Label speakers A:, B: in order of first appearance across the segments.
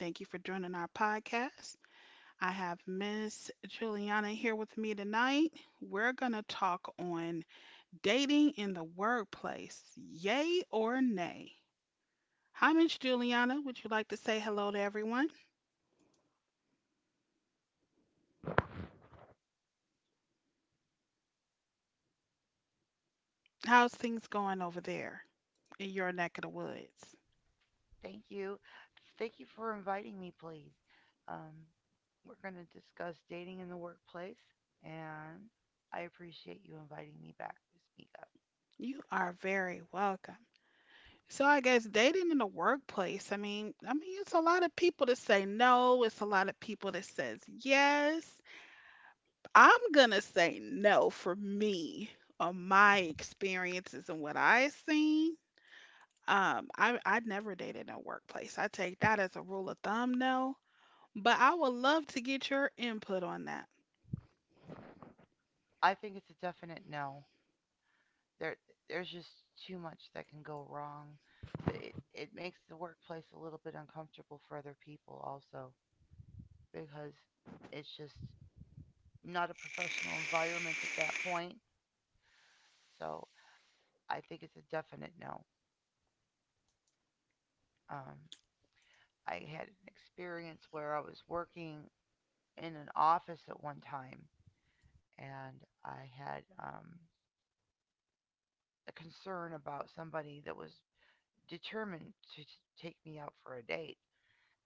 A: Thank you for joining our podcast. I have Miss Juliana here with me tonight. We're going to talk on dating in the workplace, yay or nay. Hi, Miss Juliana. Would you like to say hello to everyone? How's things going over there in your neck of the woods?
B: Thank you. Thank you for inviting me, please. Um, we're going to discuss dating in the workplace, and I appreciate you inviting me back to speak up.
A: You are very welcome. So I guess dating in the workplace, I mean, it's a lot of people that say no, it's a lot of people that says yes. I'm gonna say no for me on my experiences and what I've seen. I never dated in a workplace. I take that as a rule of thumb, no. But I would love to get your input on that.
B: I think it's a definite no. There, there's just too much that can go wrong. It makes the workplace a little bit uncomfortable for other people, also, because it's just not a professional environment at that point. So I think it's a definite no. Um, I had an experience where I was working in an office at one time and I had a concern about somebody that was determined to take me out for a date.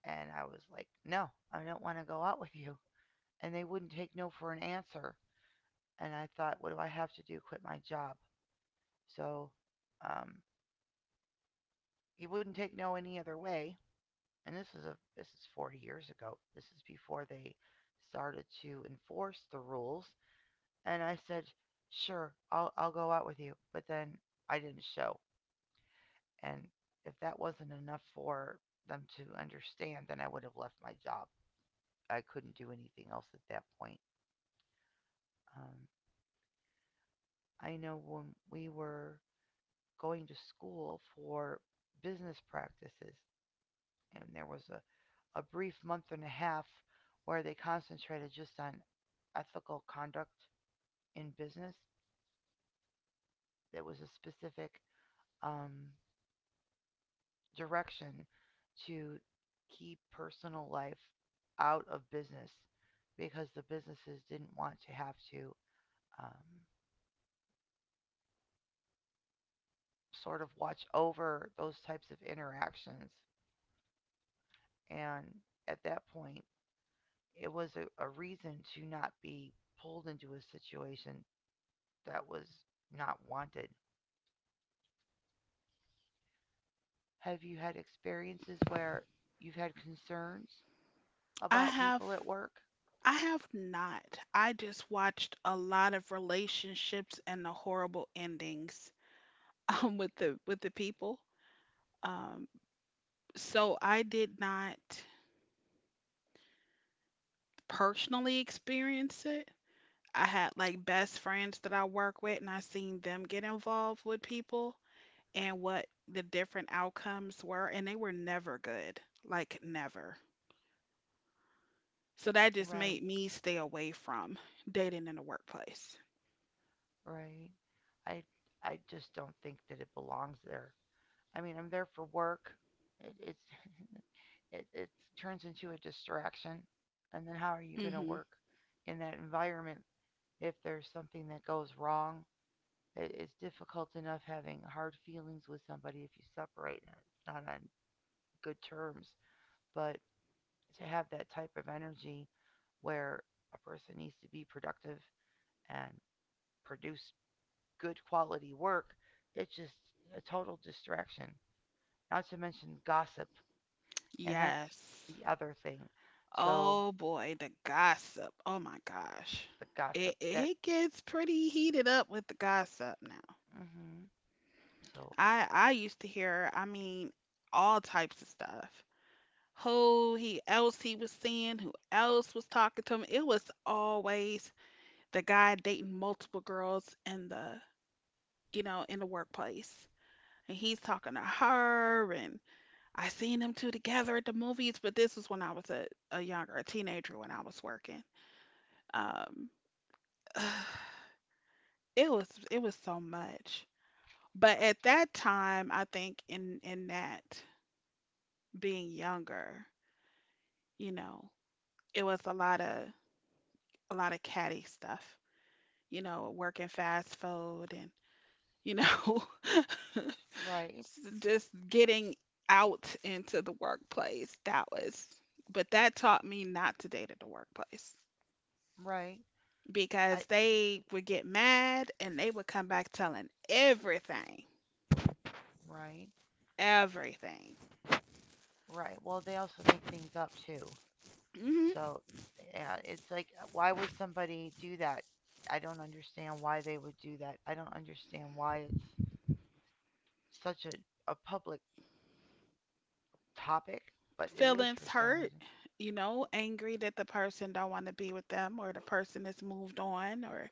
B: And I was like, no, I don't want to go out with you. And they wouldn't take no for an answer. And I thought, what do I have to do? Quit my job. So um, he wouldn't take no any other way. And this is 40 years ago. This is before they started to enforce the rules. And I said, sure, I'll go out with you. But then I didn't show. And if that wasn't enough for them to understand, then I would have left my job. I couldn't do anything else at that point. Um, I know when we were going to school for business practices, and there was a brief month and a half where they concentrated just on ethical conduct in business. There was a specific um, direction to keep personal life out of business because the businesses didn't want to have to um, sort of watch over those types of interactions. And at that point, it was a reason to not be pulled into a situation that was not wanted. Have you had experiences where you've had concerns
A: I
B: about
A: have
B: people at work?
A: I have not. I just watched a lot of relationships and the horrible endings with the people. Um, so I did not personally experience it. I had like best friends that I work with, and I seen them get involved with people and what the different outcomes were, and they were never good, like never. So that just
B: Right.
A: made me stay away from dating in the workplace.
B: Right? I I just don't think that it belongs there. I mean, I'm there for work. It's it turns into a distraction. And then how are you
A: Hmm.
B: going to work in that environment if there's something that goes wrong? It's difficult enough having hard feelings with somebody if you separate it's not on good terms. But to have that type of energy where a person needs to be productive and produce good quality work, it's just a total distraction. Not to mention gossip, and that's
A: Yes.
B: the other thing. So
A: Oh boy, the gossip. Oh my gosh.
B: the
A: It
B: gossip
A: it gets pretty heated up with the gossip now.
B: hmm so
A: I used to hear, I mean, all types of stuff. Who he else he was seeing, who else was talking to him. It was always the guy dating multiple girls in the workplace. And he's talking to her, and I seen them two together at the movies. But this was when I was a teenager when I was working. Um, it was so much. But at that time, I think in that being younger, you know, it was a lot of catty stuff, you know, working fast food and, you know,
B: right,
A: just getting out into the workplace. But that taught me not to date at the workplace
B: right,
A: because
B: I
A: they would get mad and they would come back telling everything,
B: right,
A: everything.
B: right. Well, they also make things up too.
A: Hmm.
B: So yeah, it's like why would somebody do that? I don't understand why they would do that. I don't understand why it's such a public topic, but it is for
A: Feelings
B: some
A: hurt,
B: reason,
A: you know, angry that the person don't want to be with them or the person has moved on or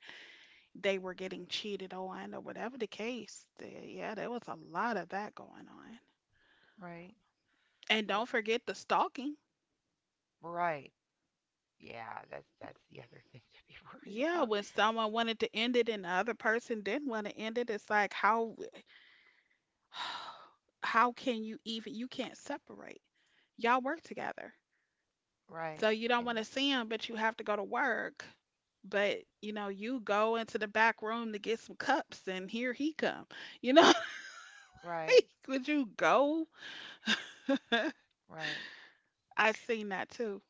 A: they were getting cheated on or whatever the case. Yeah, there was a lot of that going on.
B: right?
A: And
B: So
A: don't forget the stalking.
B: right, yeah, that's the other thing to be worried
A: Yeah,
B: about.
A: when someone wanted to end it and the other person didn't want to end it, it's like how how can you even you can't separate. Y'all work together.
B: Right.
A: So you don't
B: And
A: want to see him, but you have to go to work. But you go into the back room to get some cups and here he come. You know,
B: right,
A: would you go?
B: right,
A: I seen that too.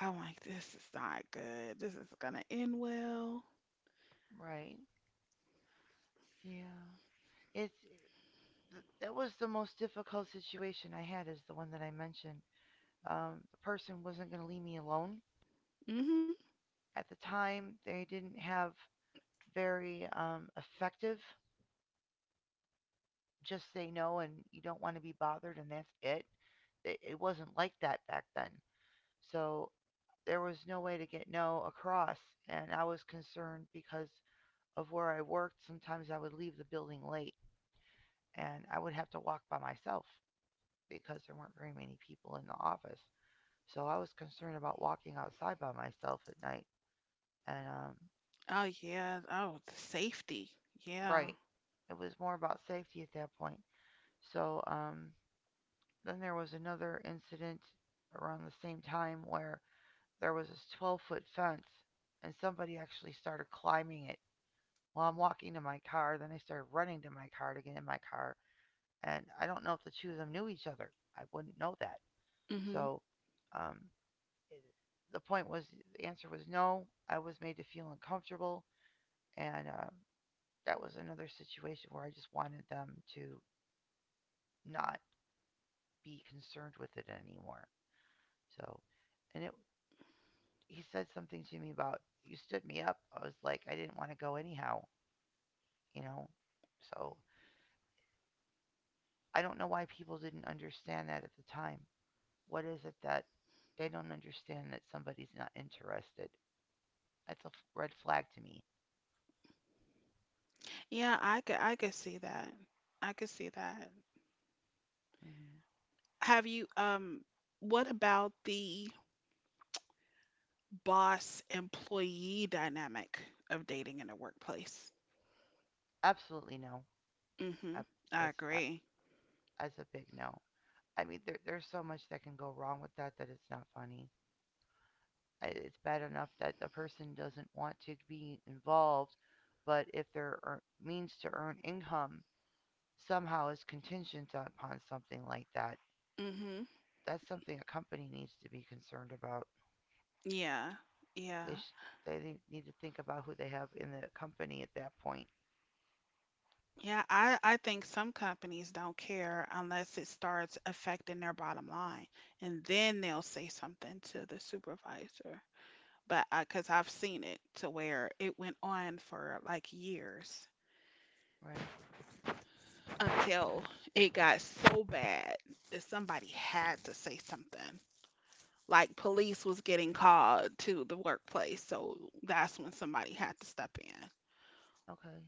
A: I'm like, this is not good. This is gonna end well.
B: right. Yeah. It's that was the most difficult situation I had is the one that I mentioned. The person wasn't going to leave me alone.
A: Hmm.
B: At the time, they didn't have very effective just say no and you don't want to be bothered and that's it. It wasn't like that back then. So there was no way to get no across and I was concerned because of where I worked, sometimes I would leave the building late and I would have to walk by myself because there weren't very many people in the office. So I was concerned about walking outside by myself at night. And,
A: Oh yeah. Oh, the safety. Yeah.
B: right, it was more about safety at that point. So, then there was another incident around the same time where there was this 12-foot fence and somebody actually started climbing it. Well, I'm walking to my car, then they started running to my car to get in my car and I don't know if the two of them knew each other. I wouldn't know that.
A: Hmm.
B: So, um, it, the point was the answer was no. I was made to feel uncomfortable, and that was another situation where I just wanted them to not be concerned with it anymore. So, and it he said something to me about you stood me up. I was like I didn't want to go anyhow, you know. So I don't know why people didn't understand that at the time. What is it that they don't understand that somebody's not interested? That's a red flag to me.
A: Yeah, I could see that. I could see that.
B: Hmm.
A: Have you What about the boss employee dynamic of dating in the workplace?
B: Absolutely no. I,
A: Hmm. I
B: that's
A: agree.
B: that's a big no. I mean, there's so much that can go wrong with that that it's not funny. I- It's bad enough that the person doesn't want to be involved, but if their means to earn income somehow is contingent upon something like that,
A: Hmm.
B: that's something a company needs to be concerned about.
A: Yeah. Yeah.
B: they sh- they need to think about who they have in the company at that point,
A: Yeah, I think some companies don't care unless it starts affecting their bottom line, and then they'll say something to the supervisor. But because I've seen it to where it went on for like years
B: right?
A: until
B: Okay,
A: it got so bad that somebody had to say something. Like police was getting called to the workplace, so that's when somebody had to step in.
B: okay,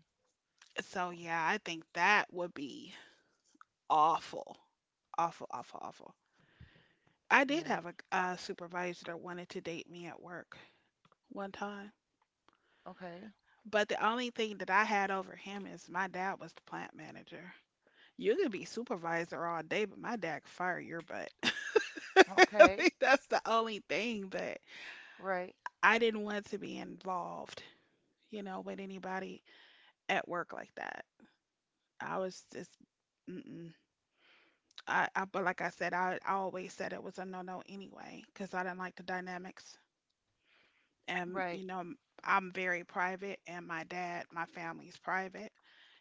A: So
B: well,
A: yeah, I think that would be awful, awful, awful, awful. I did
B: right,
A: have a supervisor that wanted to date me at work one time,
B: okay,
A: but the only thing that I had over him is my dad was the plant manager. You could be supervisor all day, but my dad could fire your butt. I
B: okay,
A: think that's the only thing, but
B: right,
A: I didn't want to be involved, you know, with anybody at work like that. I was just, mm-mm. But like I said, I always said it was a no-no anyway, because I didn't like the dynamics and
B: right,
A: I'm very private, and my dad, my family's private,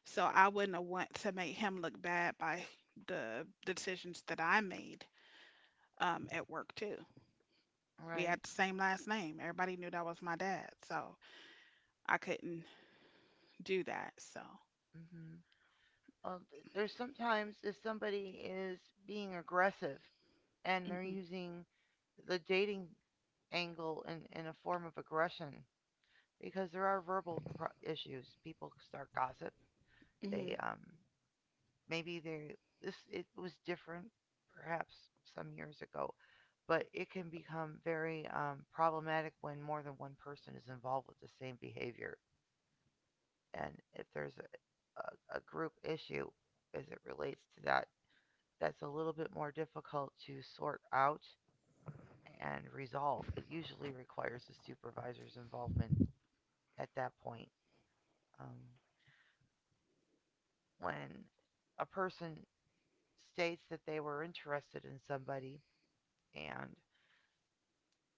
A: so I wouldn't have want to make him look bad by the decisions that I made at work too. We
B: right.
A: had the same last name. Everybody knew that was my dad, so I couldn't do that. So,
B: Hmm. There's sometimes if somebody is being aggressive and they're
A: hmm.
B: using the dating angle in a form of aggression because there are verbal issues. People start gossip. They
A: Mhm.
B: maybe there this it was different perhaps some years ago but it can become very problematic when more than one person is involved with the same behavior and if there's a group issue as it relates to that that's a little bit more difficult to sort out and resolve it usually requires the supervisor's involvement at that point um, when a person states that they were interested in somebody and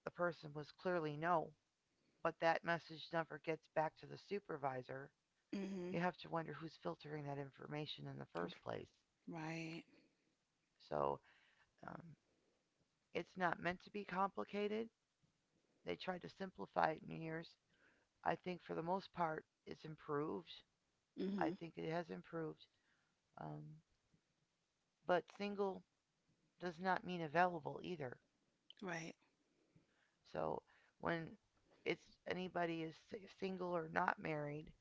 B: the person was clearly "No," but that message never gets back to the supervisor.
A: Mhm.
B: You have to wonder who's filtering that information in the first place.
A: Right.
B: So um, it's not meant to be complicated. They tried to simplify it in years. I think for the most part, it's improved. I
A: Mhm.
B: think it has improved. Um, but single does not mean available either.
A: Right.
B: So when it's anybody is si- single or not married,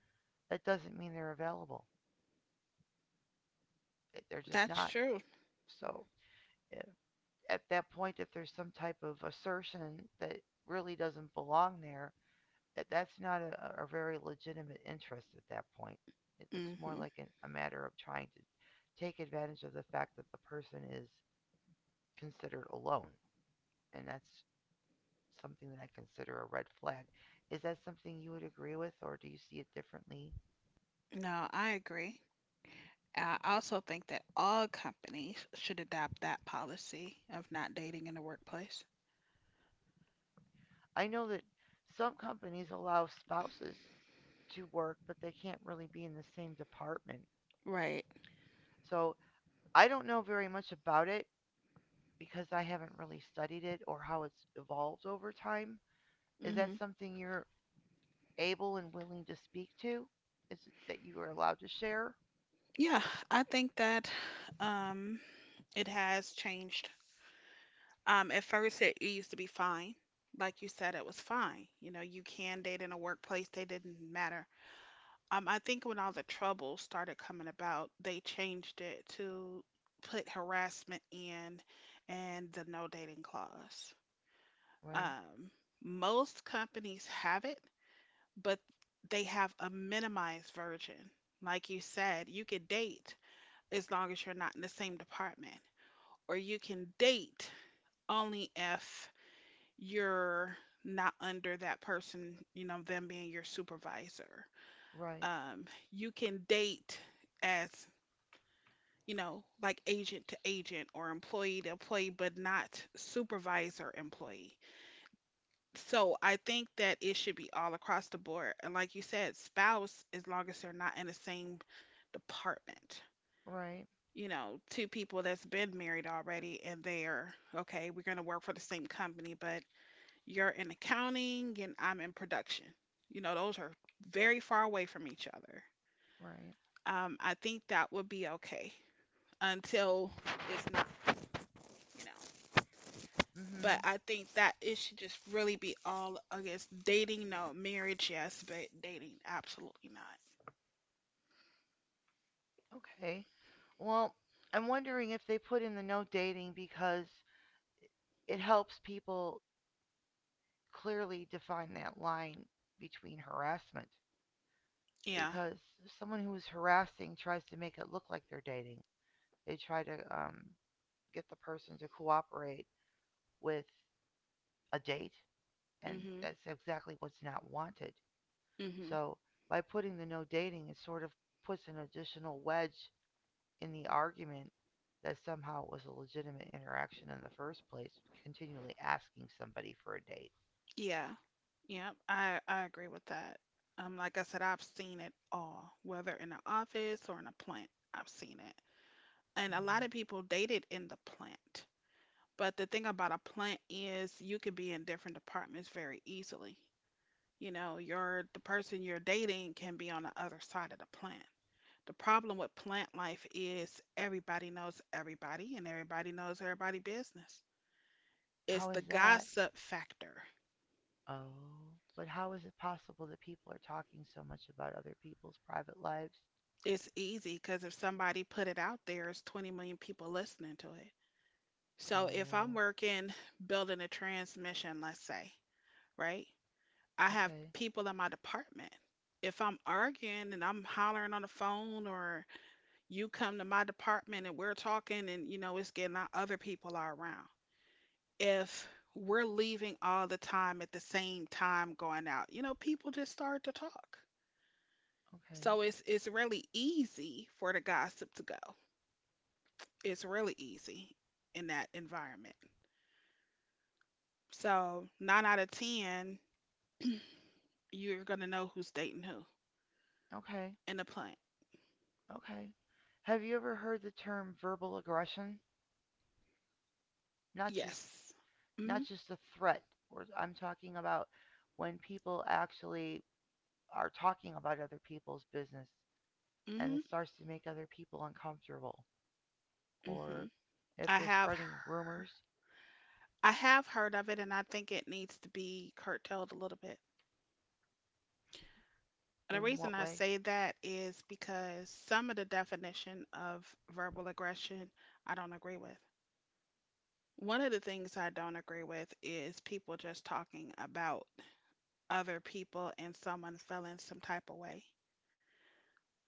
B: that doesn't mean they're available. They're just
A: That's
B: not.
A: true.
B: So if, at that point, if there's some type of assertion that really doesn't belong there, that that's not a very legitimate interest at that point. It looks more
A: Hmm.
B: like a matter of trying to take advantage of the fact that the person is considered alone, and that's something that I consider a red flag. Is that something you would agree with, or do you see it differently?
A: No, I agree. I also think that all companies should adopt that policy of not dating in the workplace.
B: I know that some companies allow spouses to work, but they can't really be in the same department.
A: Right.
B: So I don't know very much about it because I haven't really studied it or how it's evolved over time. Is that
A: Hmm.
B: something you're able and willing to speak to? Is it that you are allowed to share?
A: Yeah, I think that um, it has changed. At first, it used to be fine. Like you said, it was fine. You can date in a workplace, they didn't matter. I think when all the trouble started coming about, they changed it to put harassment in and the no dating clause.
B: Right,
A: Um, most companies have it, but they have a minimized version. Like you said, you can date as long as you're not in the same department, or you can date only if you're not under that person, them being your supervisor.
B: right,
A: Um, you can date as, like agent to agent or employee to employee, but not supervisor employee. So I think that it should be all across the board. And like you said, spouse, as long as they're not in the same department.
B: right,
A: Two people that's been married already and they're okay, we're gonna work for the same company, but you're in accounting and I'm in production. Those are very far away from each other.
B: right.
A: I think that would be okay until it's not, you know. But
B: Mhm.
A: I think that it should just really be all against dating. No, marriage, yes, but dating, absolutely not.
B: Okay. Well, I'm wondering if they put in the no dating because it helps people clearly define that line between harassment.
A: Yeah.
B: Because someone who is harassing tries to make it look like they're dating. They try to get the person to cooperate with a date, and
A: Mhm.
B: that's exactly what's not wanted.
A: Mhm.
B: So by putting the no dating, it sort of puts an additional wedge in the argument that somehow it was a legitimate interaction in the first place, continually asking somebody for a date.
A: Yeah. Yep. I agree with that. Like I said, I've seen it all, whether in an office or in a plant. I've seen it, and a
B: Mm-hmm.
A: lot of people dated in the plant. But the thing about a plant is you could be in different departments very easily. Your the person you're dating can be on the other side of the plant. The problem with plant life is everybody knows everybody and everybody knows everybody business. It's
B: How
A: the
B: is that?
A: gossip factor.
B: Oh, but how is it possible that people are talking so much about other people's private lives?
A: It's easy because if somebody put it out there, it's 20 million people listening to it. So if I'm
B: Oh,
A: working building a transmission, let's say, right? I have
B: okay,
A: people in my department. If I'm arguing and I'm hollering on the phone or you come to my department and we're talking and you know it's getting out, other people are around. If we're leaving all the time at the same time going out, you know, people just start to talk.
B: okay,
A: So it's really easy for the gossip to go. It's really easy in that environment. So nine out of ten, you're gonna know who's dating who
B: okay.
A: in the plant.
B: Okay. Have you ever heard the term verbal aggression? Not just
A: Yes.
B: Not
A: Mhm.
B: just a threat, or I'm talking about when people actually are talking about other people's business and
A: Mhm.
B: it starts to make other people uncomfortable
A: Mhm.
B: or if
A: I
B: they're
A: have
B: spreading
A: heard,
B: rumors
A: I have heard of it, and I think it needs to be curtailed a little bit. The
B: in
A: reason
B: what
A: I
B: way?
A: say that is because some of the definition of verbal aggression I don't agree with. One of the things I don't agree with is people just talking about other people and someone feeling some type of way.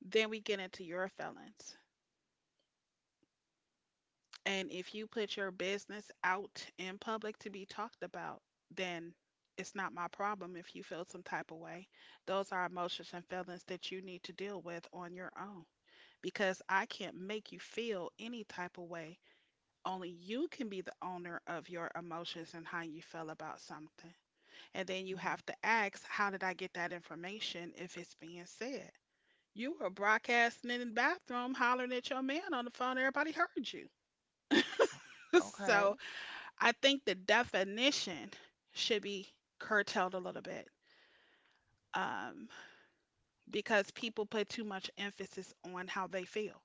A: Then we get into your feelings. And if you put your business out in public to be talked about, then it's not my problem if you feel some type of way. Those are emotions and feelings that you need to deal with on your own, because I can't make you feel any type of way. Only you can be the owner of your emotions and how you feel about something. And then you
B: Mhm.
A: have to ask, how did I get that information if it's being said? You were broadcasting in the bathroom hollering at your man on the phone, everybody heard you.
B: O-
A: So
B: Okay.
A: I think the definition should be curtailed a little bit, um, because people put too much emphasis on how they feel.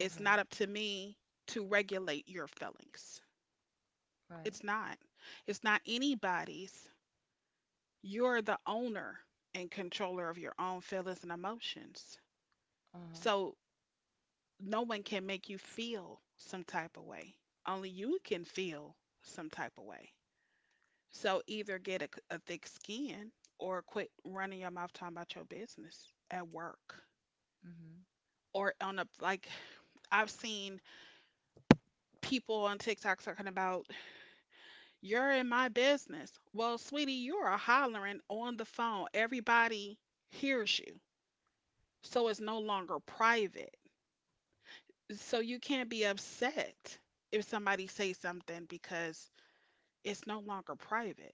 A: It's
B: Okay.
A: not up to me to regulate your feelings.
B: Right.
A: It's not. It's not anybody's. You're the owner and controller of your own feelings and emotions.
B: Uh-huh.
A: So no one can make you feel some type of way. Only you can feel some type of way. So either get a thick skin or quit running your mouth talking about your business at work
B: Mhm.
A: or on a like I've seen people on TikTok talking about. You're in my business. Well, sweetie, you are hollering on the phone. Everybody hears you. So it's no longer private. So you can't be upset if somebody says something because it's no longer private,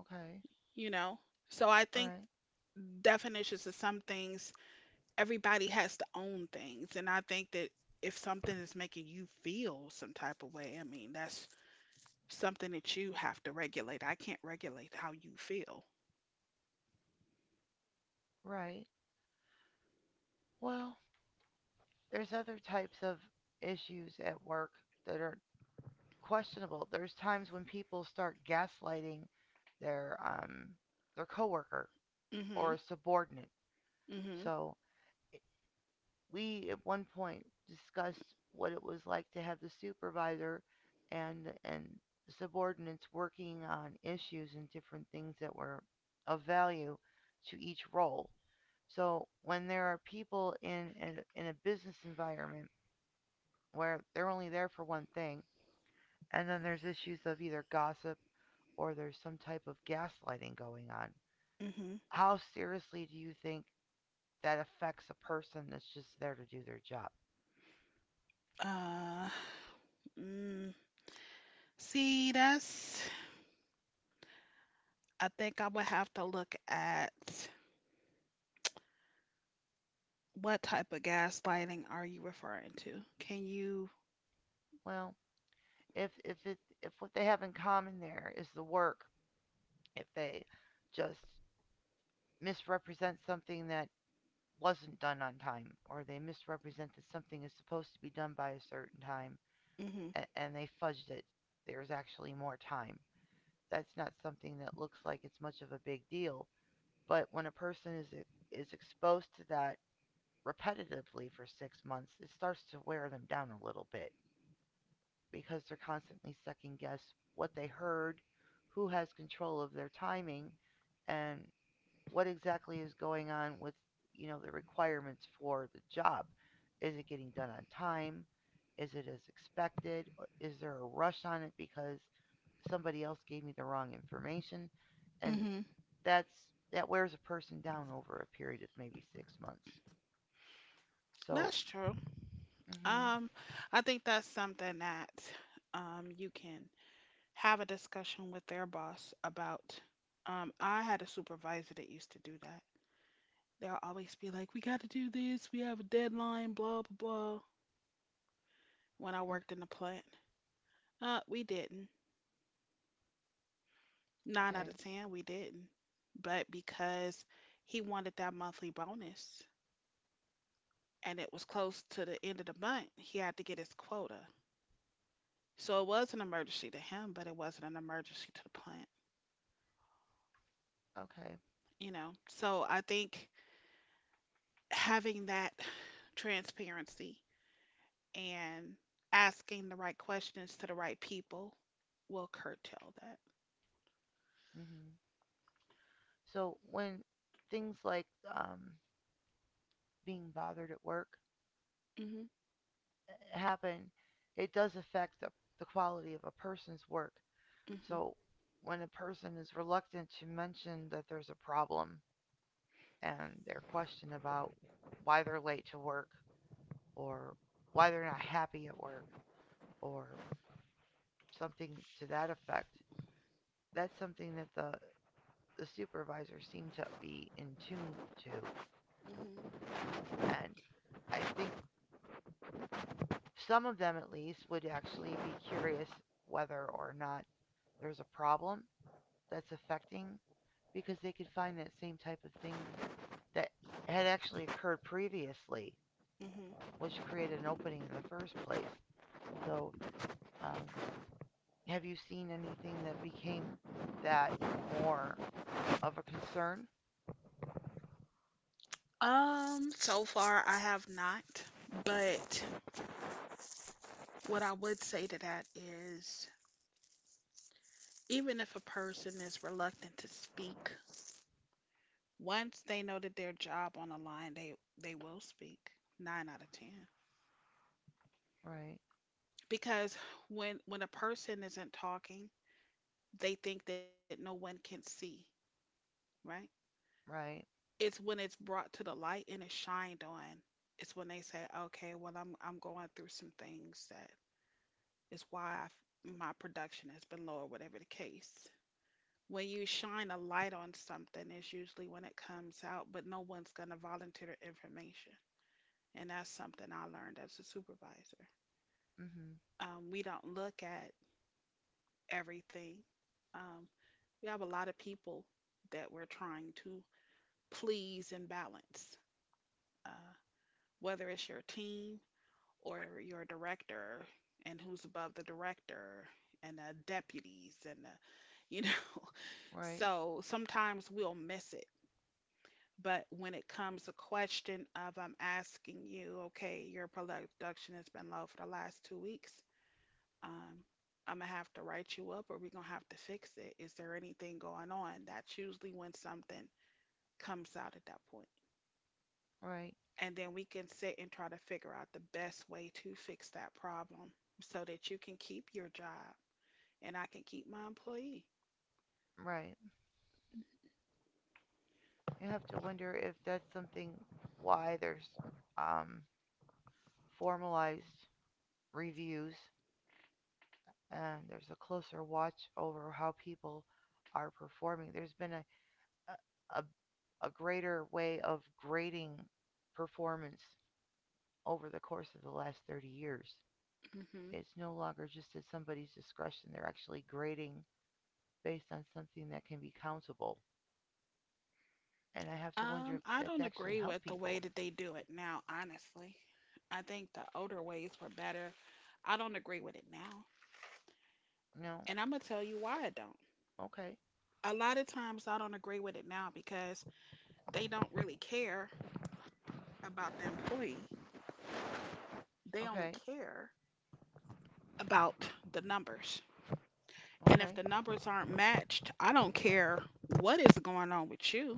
B: Okay.
A: you know? So I think
B: Right.
A: definitions of some things, everybody has to own things. And I think that if something is making you feel some type of way, I mean, that's something that you have to regulate. I can't regulate how you feel.
B: Right. Well, there's other types of issues at work that are questionable. There's times when people start gaslighting their um their coworker
A: Mm hmm
B: or a subordinate.
A: mm hmm
B: So we at one point discussed what it was like to have the supervisor and the subordinates working on issues and different things that were of value to each role. So when there are people in in a business environment where they're only there for one thing, and then there's issues of either gossip or there's some type of gaslighting going on.
A: Mm-hmm.
B: How seriously do you think that affects a person that's just there to do their job?
A: Uh, mm, see, that's. I think I would have to look at what type of gaslighting are you referring to? Can you?
B: Well, if it if what they have in common there is the work, if they just misrepresent something that wasn't done on time, or they misrepresent that something is supposed to be done by a certain time
A: Mm-hmm.
B: and they fudged it, there's actually more time. That's not something that looks like it's much of a big deal, but when a person is exposed to that repetitively for 6 months, it starts to wear them down a little bit because they're constantly second guess what they heard, who has control of their timing, and what exactly is going on with the requirements for the job. Is it getting done on time? Is it as expected? Is there a rush on it because somebody else gave me the wrong information? And
A: Mm-hmm.
B: that's that wears a person down over a period of maybe 6 months. So,
A: That's true.
B: hmm
A: Um, I think that's something that you can have a discussion with their boss about. I had a supervisor that used to do that. They'll always be like, "We got to do this. We have a deadline." Blah blah blah. When I worked in the plant, we didn't. Nine out
B: okay.
A: of ten, we didn't. But because he wanted that monthly bonus and it was close to the end of the month, he had to get his quota. So it was an emergency to him, but it wasn't an emergency to the plant,
B: Okay.
A: you know? So I think having that transparency and asking the right questions to the right people will curtail that.
B: Hmm. So when things like um, being bothered at work
A: Hmm.
B: happen, it does affect the quality of a person's work.
A: Hmm.
B: So when a person is reluctant to mention that there's a problem and they're questioned about why they're late to work or why they're not happy at work or something to that effect, that's something that the supervisors seem to be in tune to.
A: Hmm.
B: And I think some of them, at least, would actually be curious whether or not there's a problem that's affecting because they could find that same type of thing that had actually occurred previously,
A: Hmm.
B: which created an opening in the first place. So, um, have you seen anything that became that more of a concern?
A: So far I have not, but what I would say to that is even if a person is reluctant to speak, once they know that their job on the line, they will speak. 9 out of 10.
B: Right,
A: Because when a person isn't talking, they think that no one can see, right?
B: right,
A: It's when it's brought to the light and it's shined on. It's when they say, "Okay, well I'm going through some things that is why I've, my production has been low or whatever the case." When you shine a light on something is usually when it comes out, but no one's going to volunteer the information. And that's something I learned as a supervisor.
B: hmm,
A: We don't look at everything. Um, we have a lot of people that we're trying to please and balance, uh, whether it's your team or your director and who's above the director and the deputies and the, you know.
B: right,
A: So sometimes we'll miss it. But when it comes a question of I'm asking you, okay, your production has been low for the last 2 weeks. Um, I'm gonna have to write you up, or we're gonna have to fix it. Is there anything going on? That's usually when something comes out at that point.
B: right,
A: And then we can sit and try to figure out the best way to fix that problem so that you can keep your job and I can keep my employee.
B: right. You have to wonder if that's something why there's, um, formalized reviews and there's a closer watch over how people are performing. There's been a, a greater way of grading performance over the course of the last 30 years.
A: Hmm.
B: It's no longer just at somebody's discretion, they're actually grading based on something that can be countable. And I have to wonder if
A: I
B: that's
A: don't
B: actually
A: agree
B: helped
A: with the way
B: people.
A: that they do it now, honestly. I think the older ways were better. I don't agree with it now.
B: No,
A: And I'm gonna tell you why I don't.
B: okay,
A: A lot of times I don't agree with it now because they don't really care about the employee. They only
B: okay,
A: care about the numbers. And if
B: okay,
A: the numbers aren't matched, I don't care what is going on with you.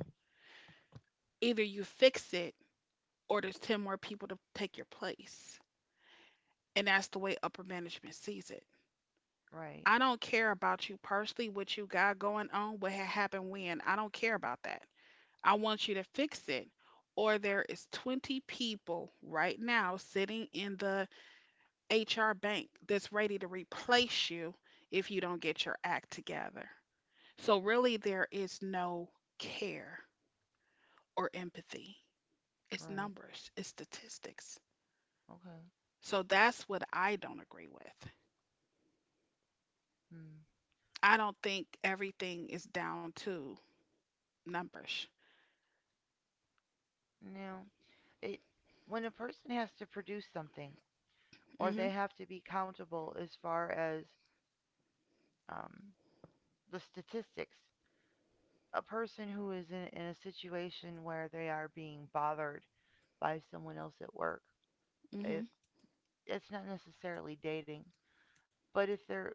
A: Either you fix it or there's 10 more people to take your place. And that's the way upper management sees it.
B: right,
A: I don't care about you personally, what you got going on, what had happened when. I don't care about that. I want you to fix it. Or there is 20 people right now sitting in the HR bank that's ready to replace you if you don't get your act together. So really there is no care or empathy. It's
B: right,
A: numbers, it's statistics.
B: okay.
A: So that's what I don't agree with.
B: Hmm.
A: I don't think everything is down to numbers.
B: No, it when a person has to produce something or
A: Mm-hmm.
B: they have to be countable as far as, um, the statistics. A person who is in a situation where they are being bothered by someone else at work,
A: Mm.
B: if
A: Mhm.
B: it's not necessarily dating, but if they're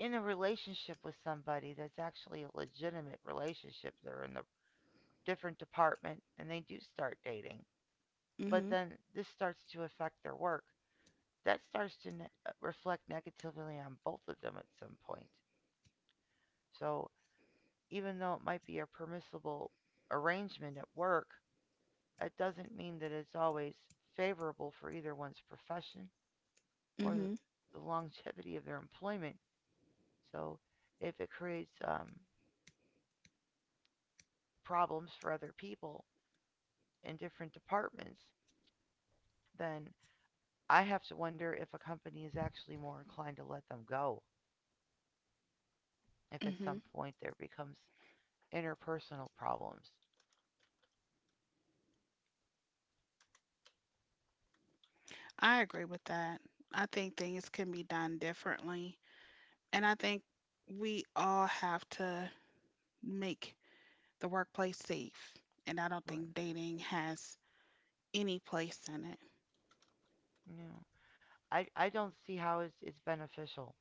B: in a relationship with somebody that's actually a legitimate relationship, they're in a different department and they do start dating, but
A: Mm-hmm.
B: then this starts to affect their work, that starts to reflect negatively on both of them at some point. So even though it might be a permissible arrangement at work, it doesn't mean that it's always favorable for either one's profession or
A: Mm-hmm.
B: the longevity of their employment. So if it creates, problems for other people in different departments, then I have to wonder if a company is actually more inclined to let them go if at
A: Mm-hmm.
B: some point there becomes interpersonal problems.
A: I agree with that. I think things can be done differently. And I think we all have to make the workplace safe. And I don't
B: Right.
A: think dating has any place in it.
B: Yeah. I don't see how it's beneficial.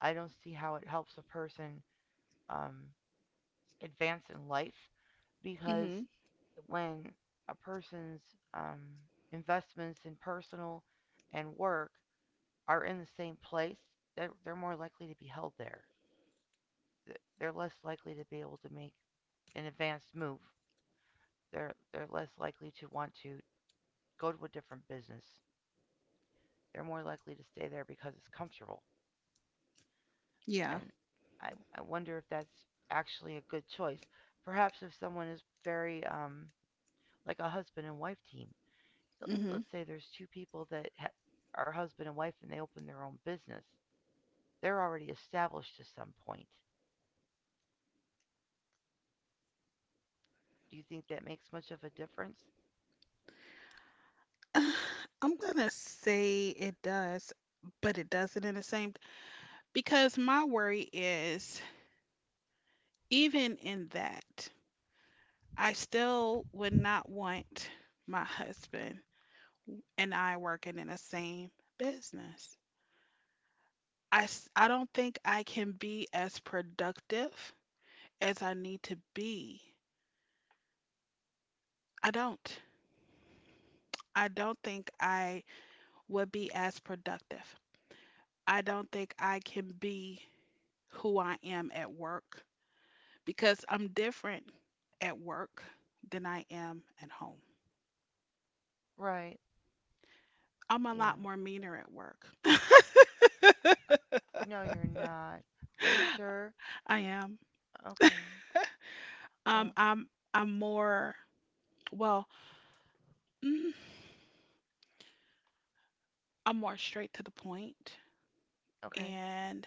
B: I don't see how it helps a person, um, advance in life because
A: Mm-hmm.
B: when a person's, um, investments in personal and work are in the same place, they're more likely to be held there. They're less likely to be able to make an advanced move. They're less likely to want to go to a different business. They're more likely to stay there because it's comfortable.
A: Yeah.
B: And I, I wonder if that's actually a good choice. Perhaps if someone is very, like a husband and wife team,
A: Mm-hmm.
B: let's say there's two people that ha- are husband and wife and they open their own business, they're already established to some point. Do you think that makes much of a difference?
A: I'm gonna say it does, but it doesn't in the same because my worry is even in that, I still would not want my husband and I working in the same business. I don't think I can be as productive as I need to be. I don't. I don't think I would be as productive. I don't think I can be who I am at work because I'm different at work than I am at home.
B: Right.
A: I'm a lot
B: Yeah.
A: more meaner at work.
B: No, you're not. Are you sure?
A: I am.
B: Okay. Well,
A: I'm more Well, mm, I'm more straight to the point.
B: okay.
A: And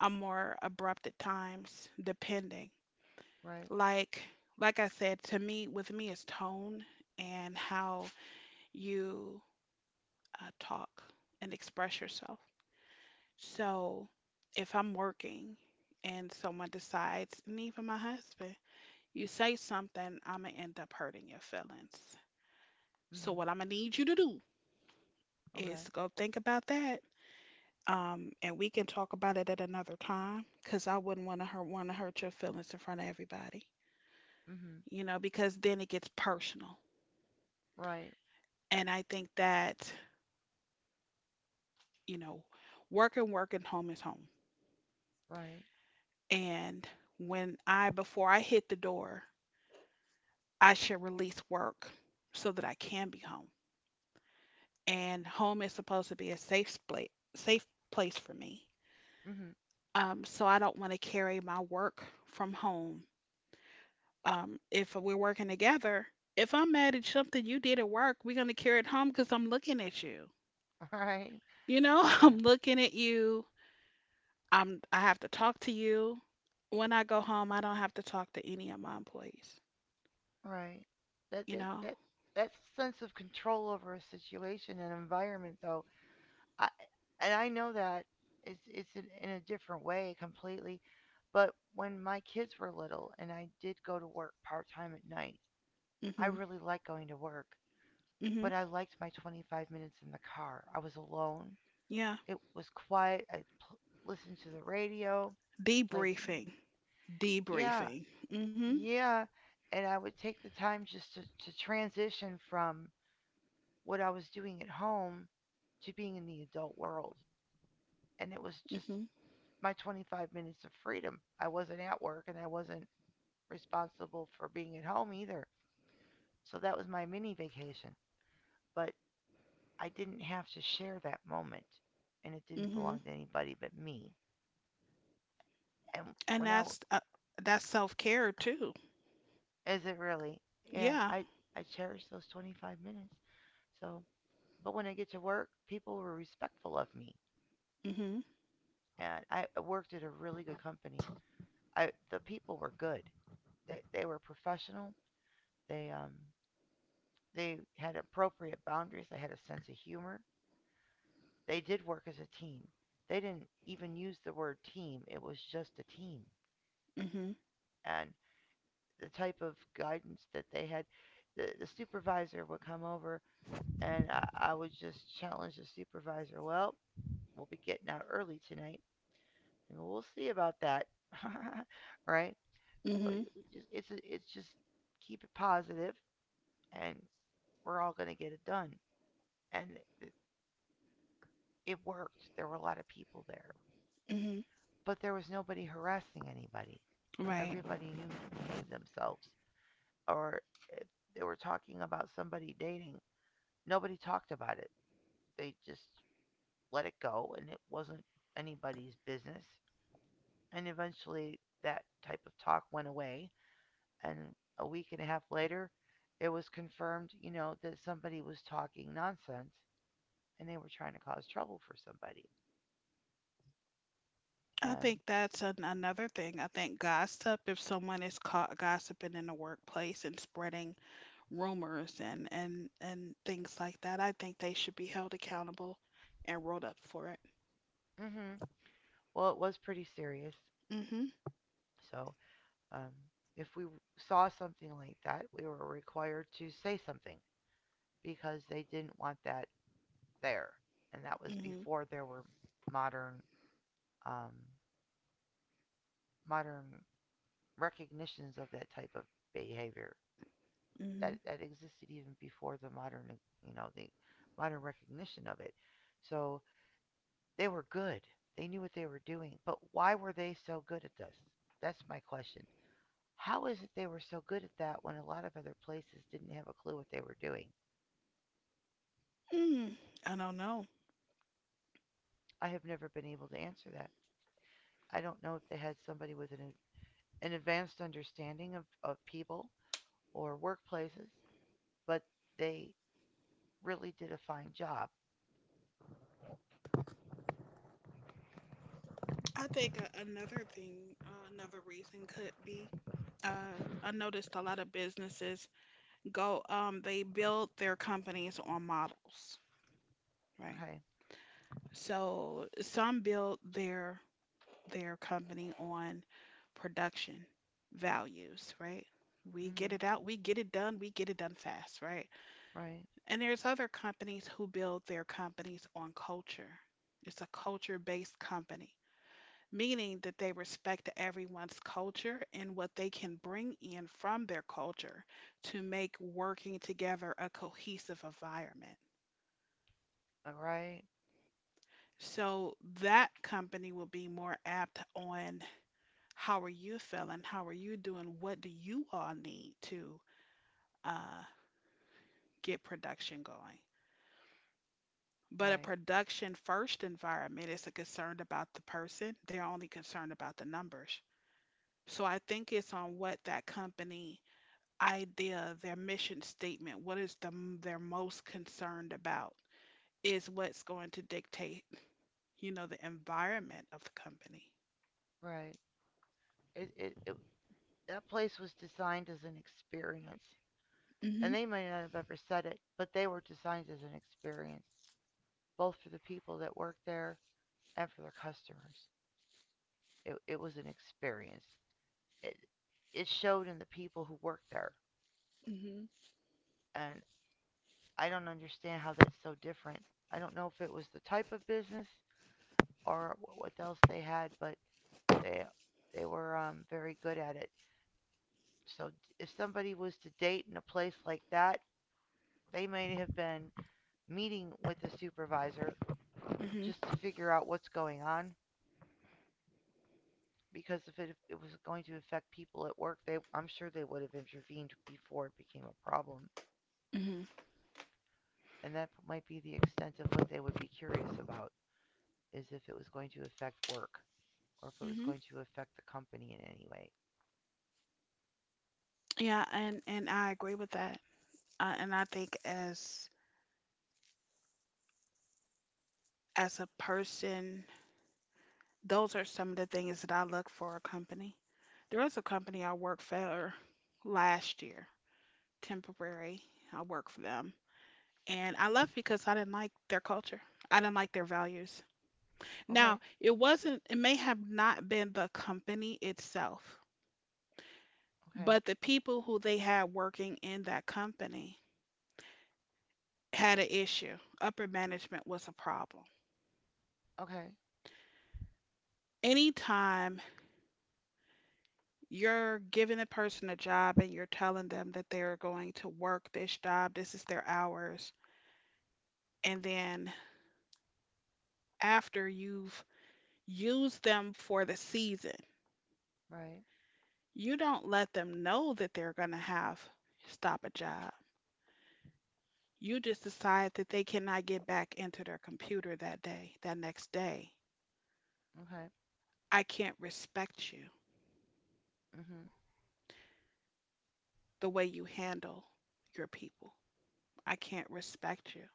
A: I'm more abrupt at times, depending.
B: Right.
A: Like like I said, to me, with me, it's tone and how you talk and express yourself. So if I'm working and someone decides, and even my husband, you say something, I'm gonna end up hurting your feelings. So
B: Mhm.
A: what I'm gonna need you to do
B: Okay.
A: is go think about that, and we can talk about it at another time because I wouldn't want to hurt your feelings in front of everybody,
B: Mhm.
A: because then it gets personal.
B: Right.
A: And I think that you know, work and work and home is home.
B: Right.
A: And when I before I hit the door, I should release work so that I can be home. And home is supposed to be a safe place for me.
B: Mhm.
A: So I don't want to carry my work from home, if we're working together, if I'm mad at something you did at work, we're gonna carry it home because I'm looking at you.
B: All right.
A: You know,
B: All
A: I'm
B: right.
A: looking at you. I have to talk to you. When I go home, I don't have to talk to any of my employees.
B: Right. That
A: You
B: that
A: know.
B: that that sense of control over a situation and environment, though, I and I know that it's in a different way completely. But when my kids were little and I did go to work part time at night, I
A: Mhm.
B: really liked going to work.
A: Mhm.
B: But I liked my 25 minutes in the car. I was alone.
A: Yeah.
B: It was quiet. Listened to the radio, played some,
A: Debriefing.
B: yeah,
A: Debriefing. Mhm.
B: yeah. And I would take the time just to transition from what I was doing at home to being in the adult world. And it was just
A: Mhm.
B: my 25 minutes of freedom. I wasn't at work and I wasn't responsible for being at home either. So that was my mini vacation. But I didn't have to share that moment and it didn't
A: Mhm.
B: belong to anybody but me. And
A: And
B: when I
A: that's self care too.
B: is it really? Yeah,
A: Yeah.
B: I cherish those 25 minutes. So, but when I get to work, people were respectful of me.
A: Mhm.
B: And I worked at a really good company. I The people were good. They were professional. They, they had appropriate boundaries. They had a sense of humor. They did work as a team. They didn't even use the word team. It was just a team.
A: Mhm.
B: And the type of guidance that they had, the supervisor would come over and I would just challenge the supervisor. Well, we'll be getting out early tonight, and we'll see about that, right? So you
A: Mhm.
B: just, it's just keep it positive and we're all going to get it done. And it worked. There were a lot of people there,
A: Mhm.
B: but there was nobody harassing anybody.
A: Right.
B: Everybody knew how to behave themselves. Or if they were talking about somebody dating, nobody talked about it. They just let it go, and it wasn't anybody's business. And eventually, that type of talk went away. And a week and a half later, it was confirmed, you know, that somebody was talking nonsense and they were trying to cause trouble for somebody.
A: I
B: And
A: think that's another thing. I think gossip, if someone is caught gossiping in the workplace and spreading rumors and things like that, I think they should be held accountable and rolled up for it.
B: hmm, well, it was pretty serious.
A: Mm-hmm.
B: So, um, if we saw something like that, we were required to say something because they didn't want that there. And that was
A: Mm-hmm.
B: before there were modern, um, modern recognitions of that type of behavior
A: Mm-hmm.
B: that, that existed even before the modern, you know, the modern recognition of it. So they were good. They knew what they were doing. But why were they so good at this? That's my question. How is it they were so good at that when a lot of other places didn't have a clue what they were doing?
A: Mm. I don't know.
B: I have never been able to answer that. I don't know if they had somebody with an advanced understanding of people or workplaces, but they really did a fine job.
A: I think another thing, another reason could be, uh, I noticed a lot of businesses go, they build their companies on models, right?
B: Okay.
A: So some build their company on production values, right? We get
B: Hmm.
A: it out, we get it done, we get it done fast, right?
B: Right.
A: And there's other companies who build their companies on culture. It's a culture-based company, meaning that they respect everyone's culture and what they can bring in from their culture to make working together a cohesive environment.
B: Right.
A: So that company will be more apt on how are you feeling? How are you doing? What do you all need to uh, get production going? But a
B: Right.
A: production first environment isn't concerned about the person, they're only concerned about the numbers. So I think it's on what that company idea, their mission statement, what is the they're most concerned about is what's going to dictate, the environment of the company.
B: Right. It, it, it, that place was designed as an experience. And
A: Mhm.
B: they might not have ever said it, but they were designed as an experience, both for the people that worked there and for their customers. It was an experience. It, it showed in the people who worked there.
A: Mhm.
B: And I don't understand how that's so different. I don't know if it was the type of business or what else they had, but they were, very good at it. So if somebody was to date in a place like that, they may have been meeting with the supervisor just to
A: Mhm.
B: figure out what's going on. Because if it was going to affect people at work, they I'm sure they would have intervened before it became a problem.
A: Mhm.
B: And that might be the extent of what they would be curious about is if it was going to affect work or if it was
A: Mhm.
B: going to affect the company in any way.
A: Yeah, and I agree with that. And I think as a person, those are some of the things that I look for a company. There was a company I worked for last year, temporary. I worked for them. And I left because I didn't like their culture. I didn't like their values. Now,
B: Okay,
A: it wasn't, it may have not been the company itself,
B: okay,
A: but the people who they had working in that company had an issue. Upper management was a problem.
B: okay,
A: Anytime you're giving a person a job and you're telling them that they're going to work this job, this is their hours. And then after you've used them for the season,
B: right,
A: you don't let them know that they're going to have stop a job. You just decide that they cannot get back into their computer that day, that next day.
B: okay,
A: I can't respect you
B: mhm,
A: the way you handle your people. I can't respect you.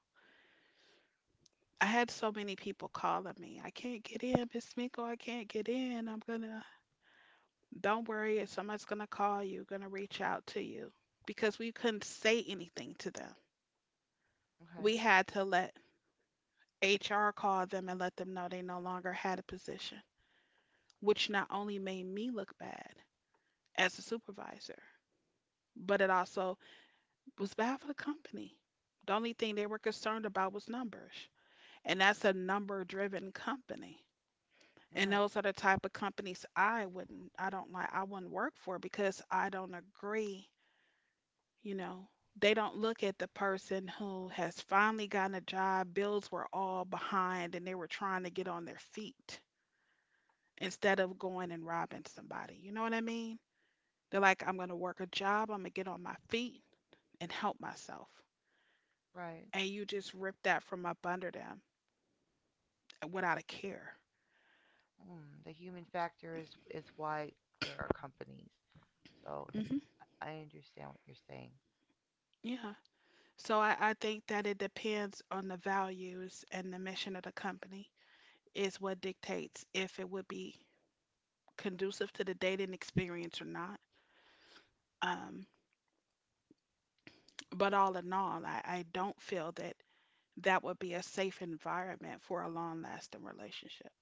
A: I had so many people calling me. I can't get in, Miss Miko. I can't get in. I'm gonna. Don't worry. If somebody's gonna call you. Gonna reach out to you because we couldn't say anything to them.
B: okay,
A: We had to let HR call them and let them know they no longer had a position, which not only made me look bad as a supervisor, but it also was bad for the company. The only thing they were concerned about was numbers, and that's a number-driven company. And
B: okay,
A: those are the type of companies I wouldn't, I don't like, I wouldn't work for because I don't agree. You know, they don't look at the person who has finally gotten a job, bills were all behind, and they were trying to get on their feet instead of going and robbing somebody. You know what I mean? They're like, I'm going to work a job, I'm going to get on my feet and help myself.
B: right.
A: And you just rip that from up under them, without a care.
B: Mm, the human factor is why there are companies. So
A: Hmm.
B: I understand what you're saying.
A: Yeah. So I think that it depends on the values and the mission of the company is what dictates if it would be conducive to the dating experience or not. Um, but all in all, I don't feel that that would be a safe environment for a long-lasting relationship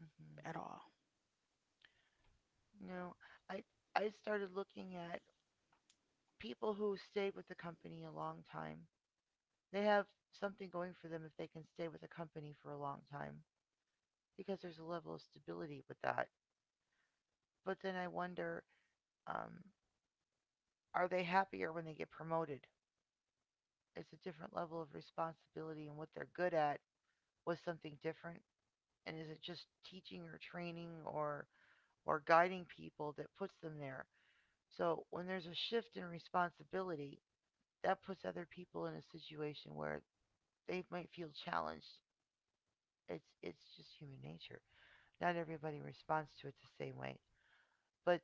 B: Hmm.
A: at all.
B: No, I I started looking at people who stayed with the company a long time. They have something going for them if they can stay with a company for a long time because there's a level of stability with that. But then I wonder, um, are they happier when they get promoted? It's a different level of responsibility, and what they're good at was something different. And is it just teaching or training or guiding people that puts them there? So when there's a shift in responsibility, that puts other people in a situation where they might feel challenged. It's just human nature. Not everybody responds to it the same way. But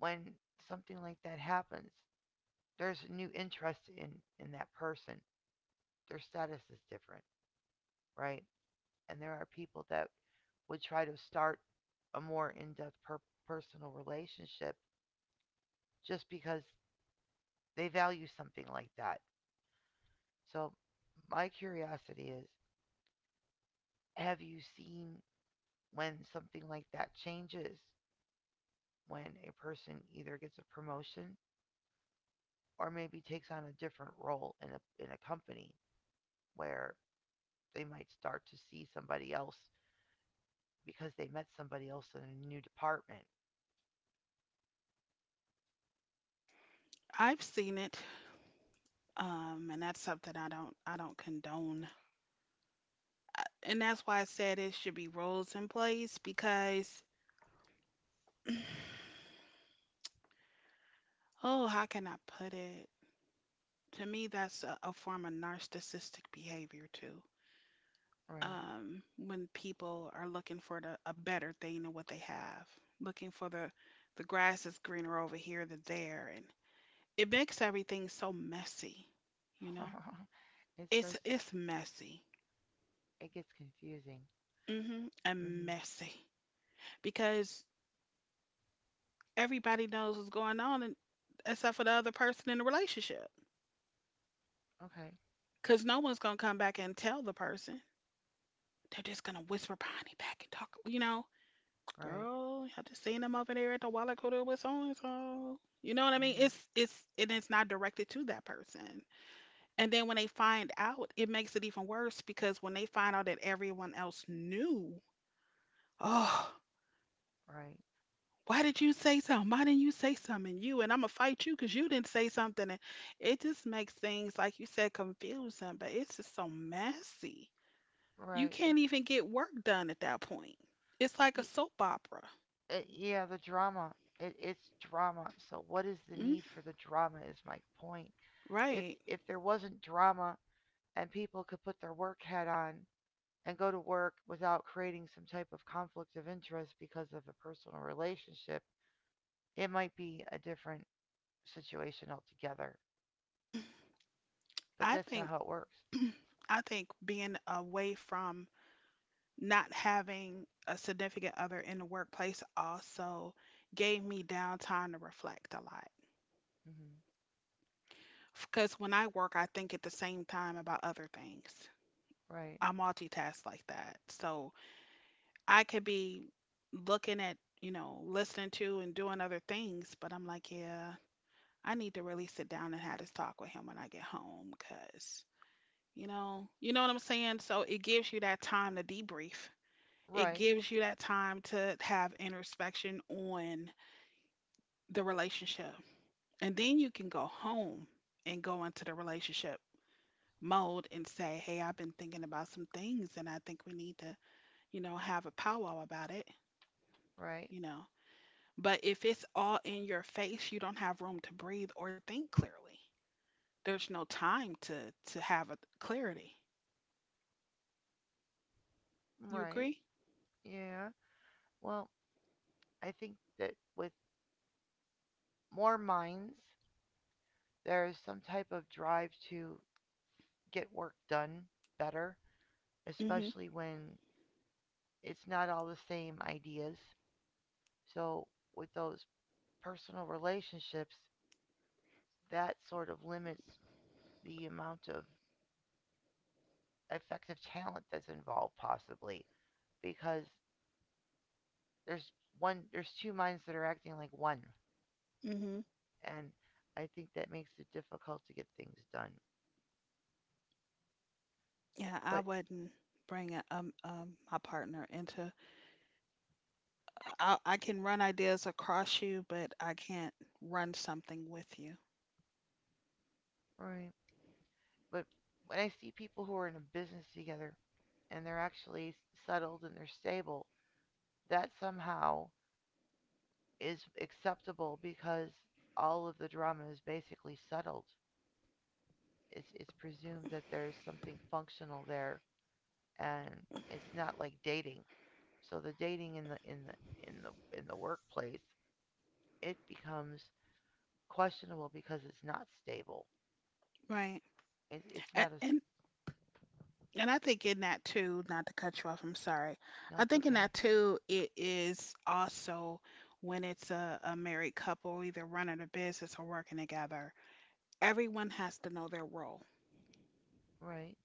B: when something like that happens, there's a new interest in that person. Their status is different, right? And there are people that would try to start a more personal relationship just because they value something like that. So, my curiosity is, have you seen when something like that changes, when a person either gets a promotion or maybe takes on a different role in a company where they might start to see somebody else because they met somebody else in a new department.
A: I've seen it, and that's something I don't condone. And that's why I said it should be rules in place because, oh, how can I put it? To me, that's a form of narcissistic behavior too.
B: Right.
A: When people are looking for a better thing than what they have, looking for the grass is greener over here than there, and it makes everything so messy. You know,
B: It
A: it's
B: starts to
A: it's messy.
B: it gets confusing.
A: And
B: Mhm.
A: messy because everybody knows what's going on, and, except for the other person in the relationship.
B: Okay.
A: Because no one's gonna come back and tell the person. They're just gonna whisper behind their back and talk. You know,
B: Right.
A: girl, I just seen them over there at the Wallacooter with so and so. You know what I mean?
B: Mhm.
A: It's and it's not directed to that person. And then when they find out, it makes it even worse because when they find out that everyone else knew, oh,
B: Right.
A: why did you say something? Why didn't you say something? And I'm gonna fight you because you didn't say something. And it just makes things like you said confusing, but it's just so messy. You
B: Right.
A: can't even get work done at that point. It's like a
B: Y-
A: soap opera.
B: yeah, the drama. It's drama. So what is the
A: Mm,
B: need for the drama is my point. If
A: right.
B: if there wasn't drama and people could put their work hat on and go to work without creating some type of conflict of interest because of a personal relationship, it might be a different situation altogether. But
A: I
B: that's not
A: think
B: how it works.
A: I think being away from not having a significant other in the workplace also gave me downtime to reflect a lot.
B: Hmm.
A: Because when I work, I think at the same time about other things.
B: Right.
A: I multitask like that. So I could be looking at, you know, listening to and doing other things, but I'm like, yeah, I need to really sit down and have this talk with him when I get home because, you know what I'm saying? So it gives you that time to debrief. It
B: Right.
A: gives you that time to have introspection on the relationship. And then you can go home and go into the relationship mode and say, hey, I've been thinking about some things and I think we need to, you know, have a powwow about it,
B: Right.
A: you know. But if it's all in your face, you don't have room to breathe or think clearly. There's no time to have a clarity. You
B: Right.
A: agree?
B: Yeah. Well, I think that with more minds, there is some type of drive to get work done better,
A: Mhm.
B: especially when it's not all the same ideas. So, with those personal relationships, that sort of limits the amount of effective talent that's involved possibly because there's there's two minds that are acting like one,
A: Mhm.
B: and I think that makes it difficult to get things done.
A: Yeah, I
B: But
A: wouldn't bring a, um, my partner into I can run ideas across you, but I can't run something with you.
B: right, but when I see people who are in a business together and they're actually settled and they're stable, that somehow is acceptable because all of the drama is basically settled. It's presumed that there's something functional there, and it's not like dating. So the dating in the workplace, it becomes questionable because it's not stable.
A: Right.
B: It's
A: And,
B: not a
A: and and I think in that too, not to cut you off, I'm sorry.
B: no,
A: I
B: it's
A: think in
B: okay.
A: that too, it is also when it's a married couple either running a business or working together, everyone has to know their role.
B: Right,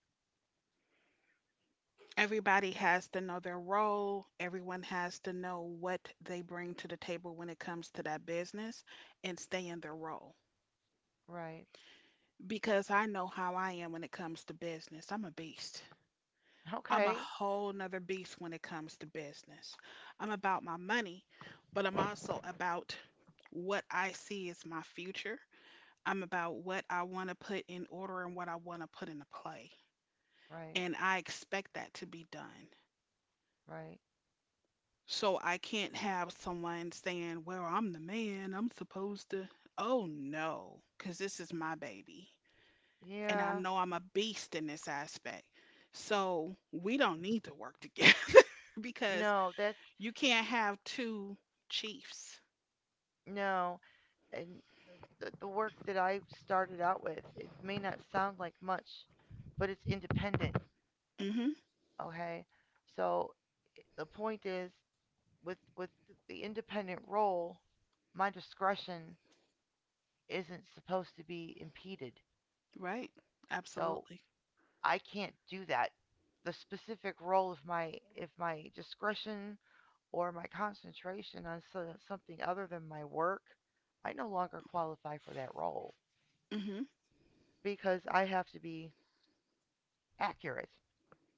A: Everybody has to know their role. Everyone has to know what they bring to the table when it comes to that business and stay in their role.
B: right,
A: Because I know how I am when it comes to business. I'm a beast. I'm a
B: okay,
A: whole nother beast when it comes to business. I'm about my money, but I'm also about what I see as my future. I'm about what I want to put in order and what I want to put into play.
B: right,
A: And I expect that to be done.
B: right.
A: So I can't have someone saying, well, I'm the man. I'm supposed to. Oh no, because this is my baby. And I
B: Yeah,
A: know I'm a beast in this aspect. So we don't need to work together because
B: no, that's
A: you can't have two chiefs.
B: no, and the work that I started out with, it may not sound like much, but it's independent.
A: Hmm.
B: Okay, so the point is with the independent role, my discretion isn't supposed to be impeded.
A: Right?
B: So
A: Absolutely.
B: I can't do that. The specific role of my if my discretion or my concentration on something other than my work, I no longer qualify for that role
A: Hmm.
B: because I have to be accurate.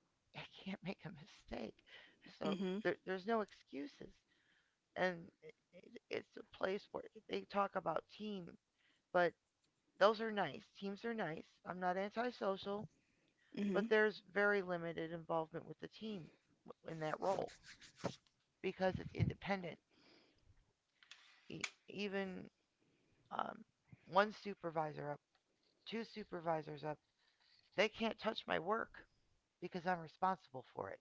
B: I can't make a mistake. So
A: Hmm.
B: there's no excuses. And it's a place where they talk about team, but those are nice. Teams are nice. I'm not antisocial,
A: Hmm.
B: but there's very limited involvement with the team in that role because it's independent. Even um, one supervisor up, two supervisors up, they can't touch my work because I'm responsible for it.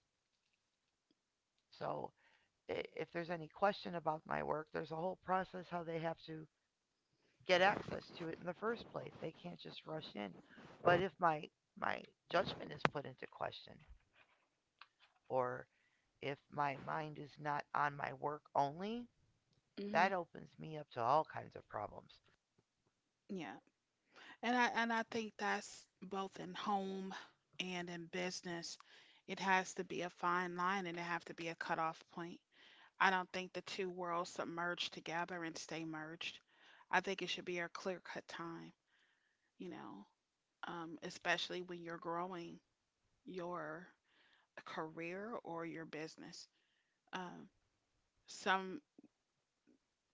B: So if there's any question about my work, there's a whole process how they have to get access to it in the first place. They can't just rush in. But if my judgment is put into question or if my mind is not on my work only,
A: Hmm.
B: that opens me up to all kinds of problems.
A: Yeah. And I think that's both in home and in business. It has to be a fine line and it have to be a cutoff point. I don't think the two worlds submerge together and stay merged. I think it should be a clear cut time, you know. Um, especially when you're growing your career or your business. Um, some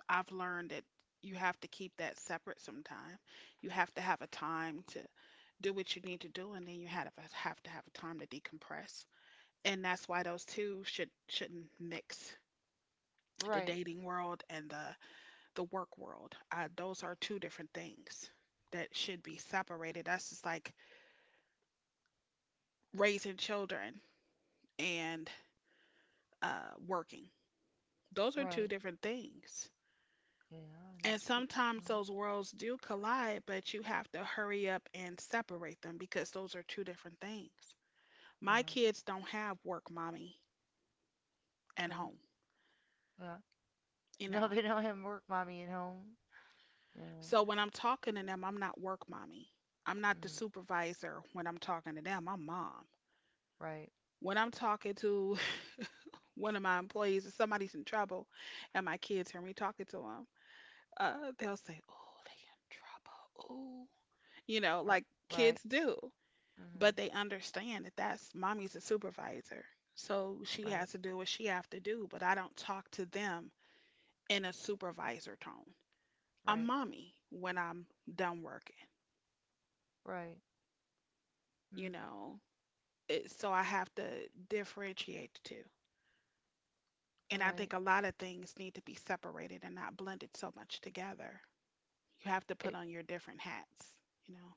A: I've learned that you have to keep that separate sometime. You have to have a time to do what you need to do, and then you have to have a time to decompress. And that's why those two shouldn't mix the
B: Right,
A: dating world and the work world. Those are two different things that should be separated. That's just like raising children and working. Those are two
B: right.
A: different things.
B: Yeah,
A: And
B: that's a different
A: sometimes
B: world.
A: those worlds do collide, but you have to hurry up and separate them because those are two different things. My
B: Uh
A: kids don't have work mommy at
B: huh. Okay.
A: home,
B: Yeah.
A: you
B: No,
A: know.
B: they don't have work mommy at home. Yeah.
A: So when I'm talking to them, I'm not work mommy. I'm not the
B: Mm-hmm.
A: supervisor when I'm talking to them, I'm mom.
B: Right.
A: When I'm talking to one of my employees and somebody's in trouble and my kids hear me talking to them, they'll say, oh, they in trouble. Oh, you know,
B: R-
A: like
B: right.
A: kids do. But
B: Mm-hmm.
A: they understand that that's mommy's a supervisor so she
B: Right.
A: has to do what she have to do, but I don't talk to them in a supervisor tone. I'm
B: Right.
A: mommy when I'm done working,
B: Right.
A: you
B: Mm,
A: know. It, so I have to differentiate the two and I
B: right.
A: think a lot of things need to be separated and not blended so much together. You have to put
B: It,
A: on your different hats, you know.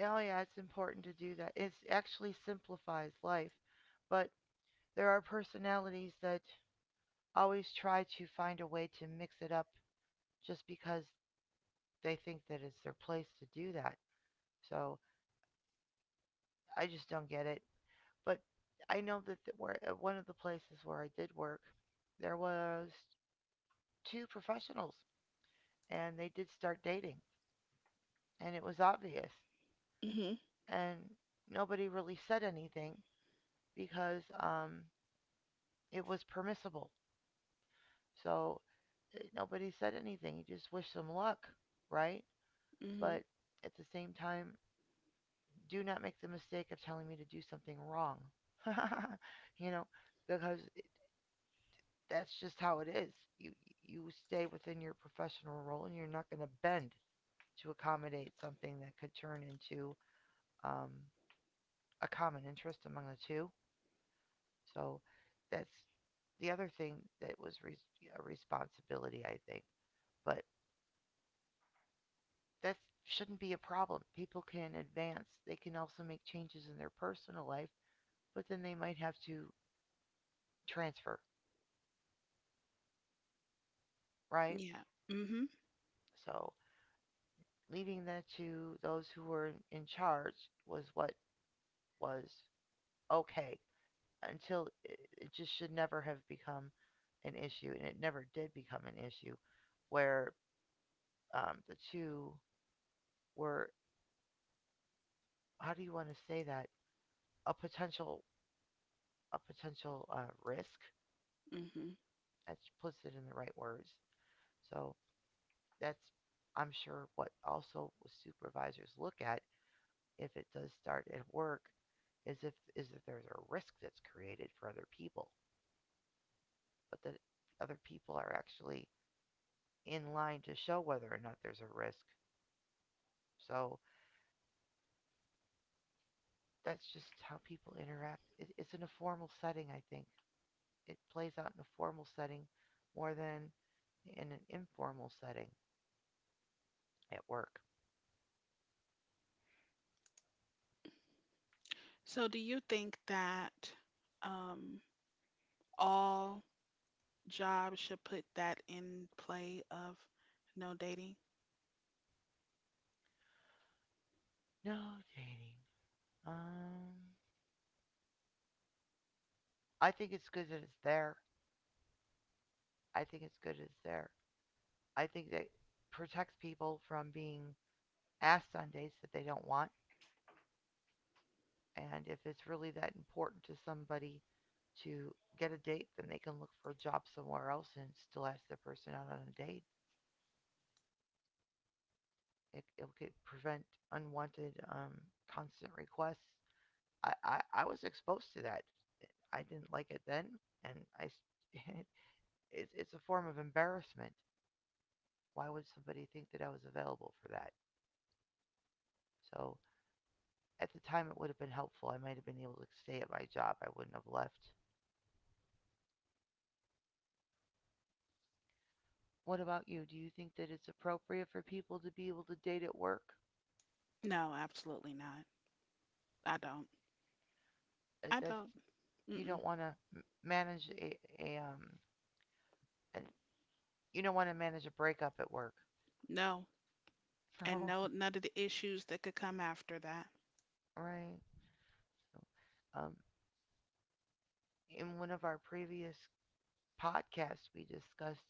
B: oh yeah, it's important to do that. It actually simplifies life, but there are personalities that always try to find a way to mix it up just because they think that it's their place to do that. So I just don't get it. But I know that where at one of the places where I did work, there was two professionals and they did start dating and it was obvious,
A: Mhm.
B: and nobody really said anything because it was permissible. So nobody said anything. You just wish them luck, right?
A: Mhm.
B: But at the same time, do not make the mistake of telling me to do something wrong. You know, because that's just how it is. You you stay within your professional role, and you're not going to bend to accommodate something that could turn into um, a common interest among the two. So that's the other thing that was a responsibility, I think. But that shouldn't be a problem. People can advance. They can also make changes in their personal life, but then they might have to transfer, right?
A: Yeah. Mhm.
B: So leaving that to those who were in- charge was what was okay until it just should never have become an issue, and it never did become an issue, where the two were how do you want to say that a potential a potential risk
A: Mhm.
B: that puts it in the right words. So that's I'm sure what also supervisors look at if it does start at work is if there's a risk that's created for other people, but that other people are actually in line to show whether or not there's a risk. So that's just how people interact. It's in a formal setting, I think. It plays out in a formal setting more than in an informal setting at work.
A: So do you think that um all job should put that in play of no dating?
B: No dating. Um, I think it's good that it's there. I think it's good that it's there. I think that protects people from being ask on dates that they don't want. And if it's really that important to somebody to get a date, then they can look for a job somewhere else and still ask the person out on a date. It could prevent unwanted, constant requests. I was exposed to that. I didn't like it then, and I, s- it's a form of embarrassment. Why would somebody think that I was available for that? So at the time, it would have been helpful. I might have been able to stay at my job. I wouldn't have left. What about you? Do you think that it's appropriate for people to be able to date at work?
A: No, absolutely not. I don't.
B: Is
A: I
B: that
A: don't.
B: you
A: Mm-mm.
B: don't want to manage a and you don't want to manage a breakup at work?
A: No. And
B: No,
A: no, none of the issues that could come after that.
B: right. So, in one of our previous podcasts, we discussed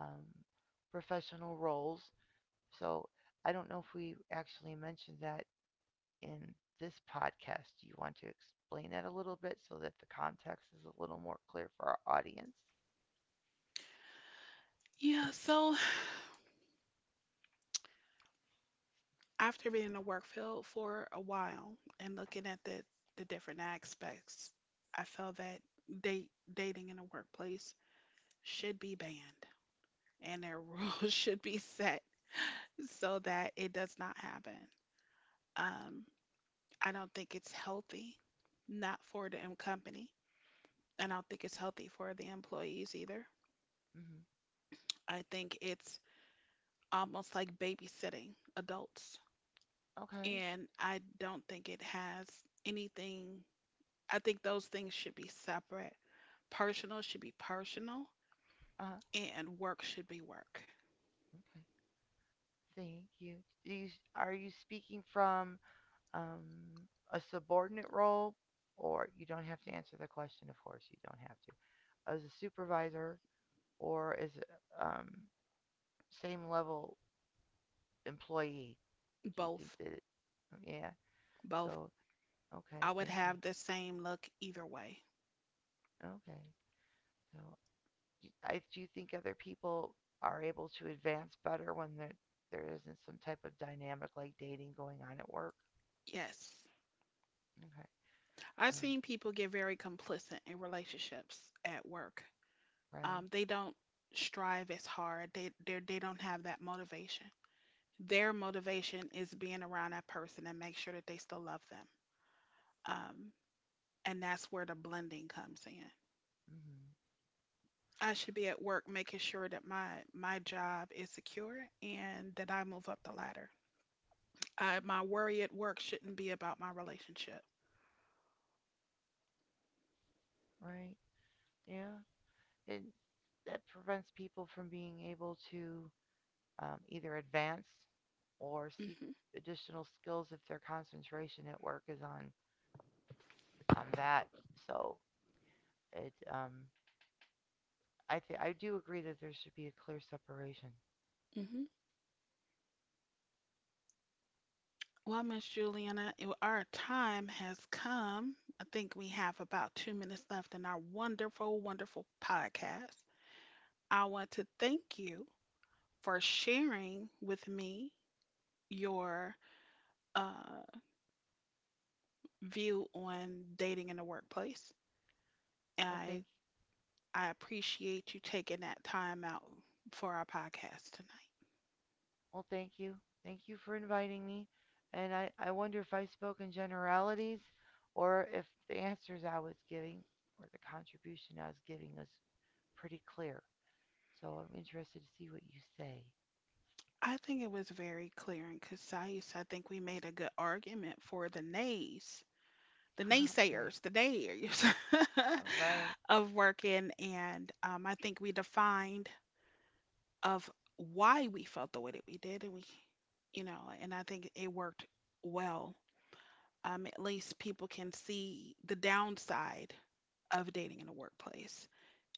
B: um, professional roles. So I don't know if we actually mentioned that in this podcast. Do you want to explain that a little bit so that the context is a little more clear for our audience?
A: Yeah, so after being in the work field for a while and looking at the different aspects, I felt that date dating in the workplace should be banned and their rules should be set so that it does not happen. Um, I don't think it's healthy, not for the company. And I don't think it's healthy for the employees either.
B: Hmm.
A: I think it's almost like babysitting adults.
B: Okay.
A: And I don't think it has anything. I think those things should be separate. Personal should be personal,
B: Uh,
A: and work should be work.
B: okay. Thank you. Do you are you speaking from a subordinate role, or you don't have to answer the question? Of course, you don't have to. As a supervisor, or as a same level employee? Do you think
A: Both,
B: that? Yeah.
A: both.
B: So
A: I
B: okay.
A: would
B: Thank you.
A: have the same look either way.
B: Okay. So do- I do you think other people are able to advance better when there isn't some type of dynamic like dating going on at work.
A: Yes.
B: Okay.
A: I've
B: Uh,
A: seen people get very complicit in relationships at work.
B: right.
A: Um, they don't strive as hard. They don't have that motivation. Their motivation is being around that person and make sure that they still love them. Um, and that's where the blending comes in.
B: Hmm.
A: I should be at work making sure that my job is secure and that I move up the ladder. I, my worry at work shouldn't be about my relationship.
B: Right. Yeah. It that prevents people from being able to either advance or seek
A: Hmm.
B: additional skills if their concentration at work is on that. So it I do agree that there should be a clear separation.
A: Hmm. Well, Miss Juliana, it- our time has come. I think we have about 2 minutes left in our wonderful, wonderful podcast. I want to thank you for sharing with me your uh, view on dating in the workplace.
B: Well, thank
A: I I appreciate you taking that time out for our podcast tonight.
B: well, thank you, thank you for inviting me, and I wonder if I spoke in generalities, or if the answers I was giving or the contribution I was giving was pretty clear. So I'm interested to see what you say.
A: I think it was very clear and concise. I think we made a good argument for the nays, the
B: Okay.
A: naysayers, the nays
B: All right.
A: of working, and I think we defined of why we felt the way that we did and we, you know, and I think it worked well. Um, at least people can see the downside of dating in the workplace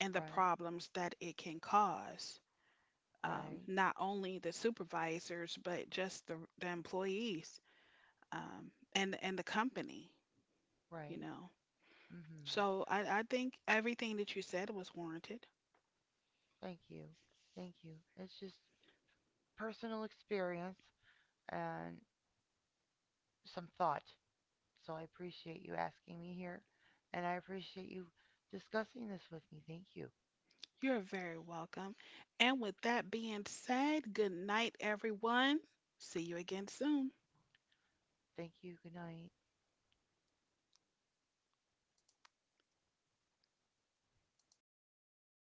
A: and the
B: Right.
A: problems that it can cause,
B: Right.
A: not only the supervisors but just the employees, and the company, you
B: Right.
A: know.
B: Mhm.
A: So I think everything that you said was warranted.
B: Thank you. Thank you. It's just personal experience and some thought. So I appreciate you asking me here and I appreciate you discussing this with me. Thank you.
A: You're very welcome. And with that being said, good night, everyone. See you again soon.
B: Thank you. Good night.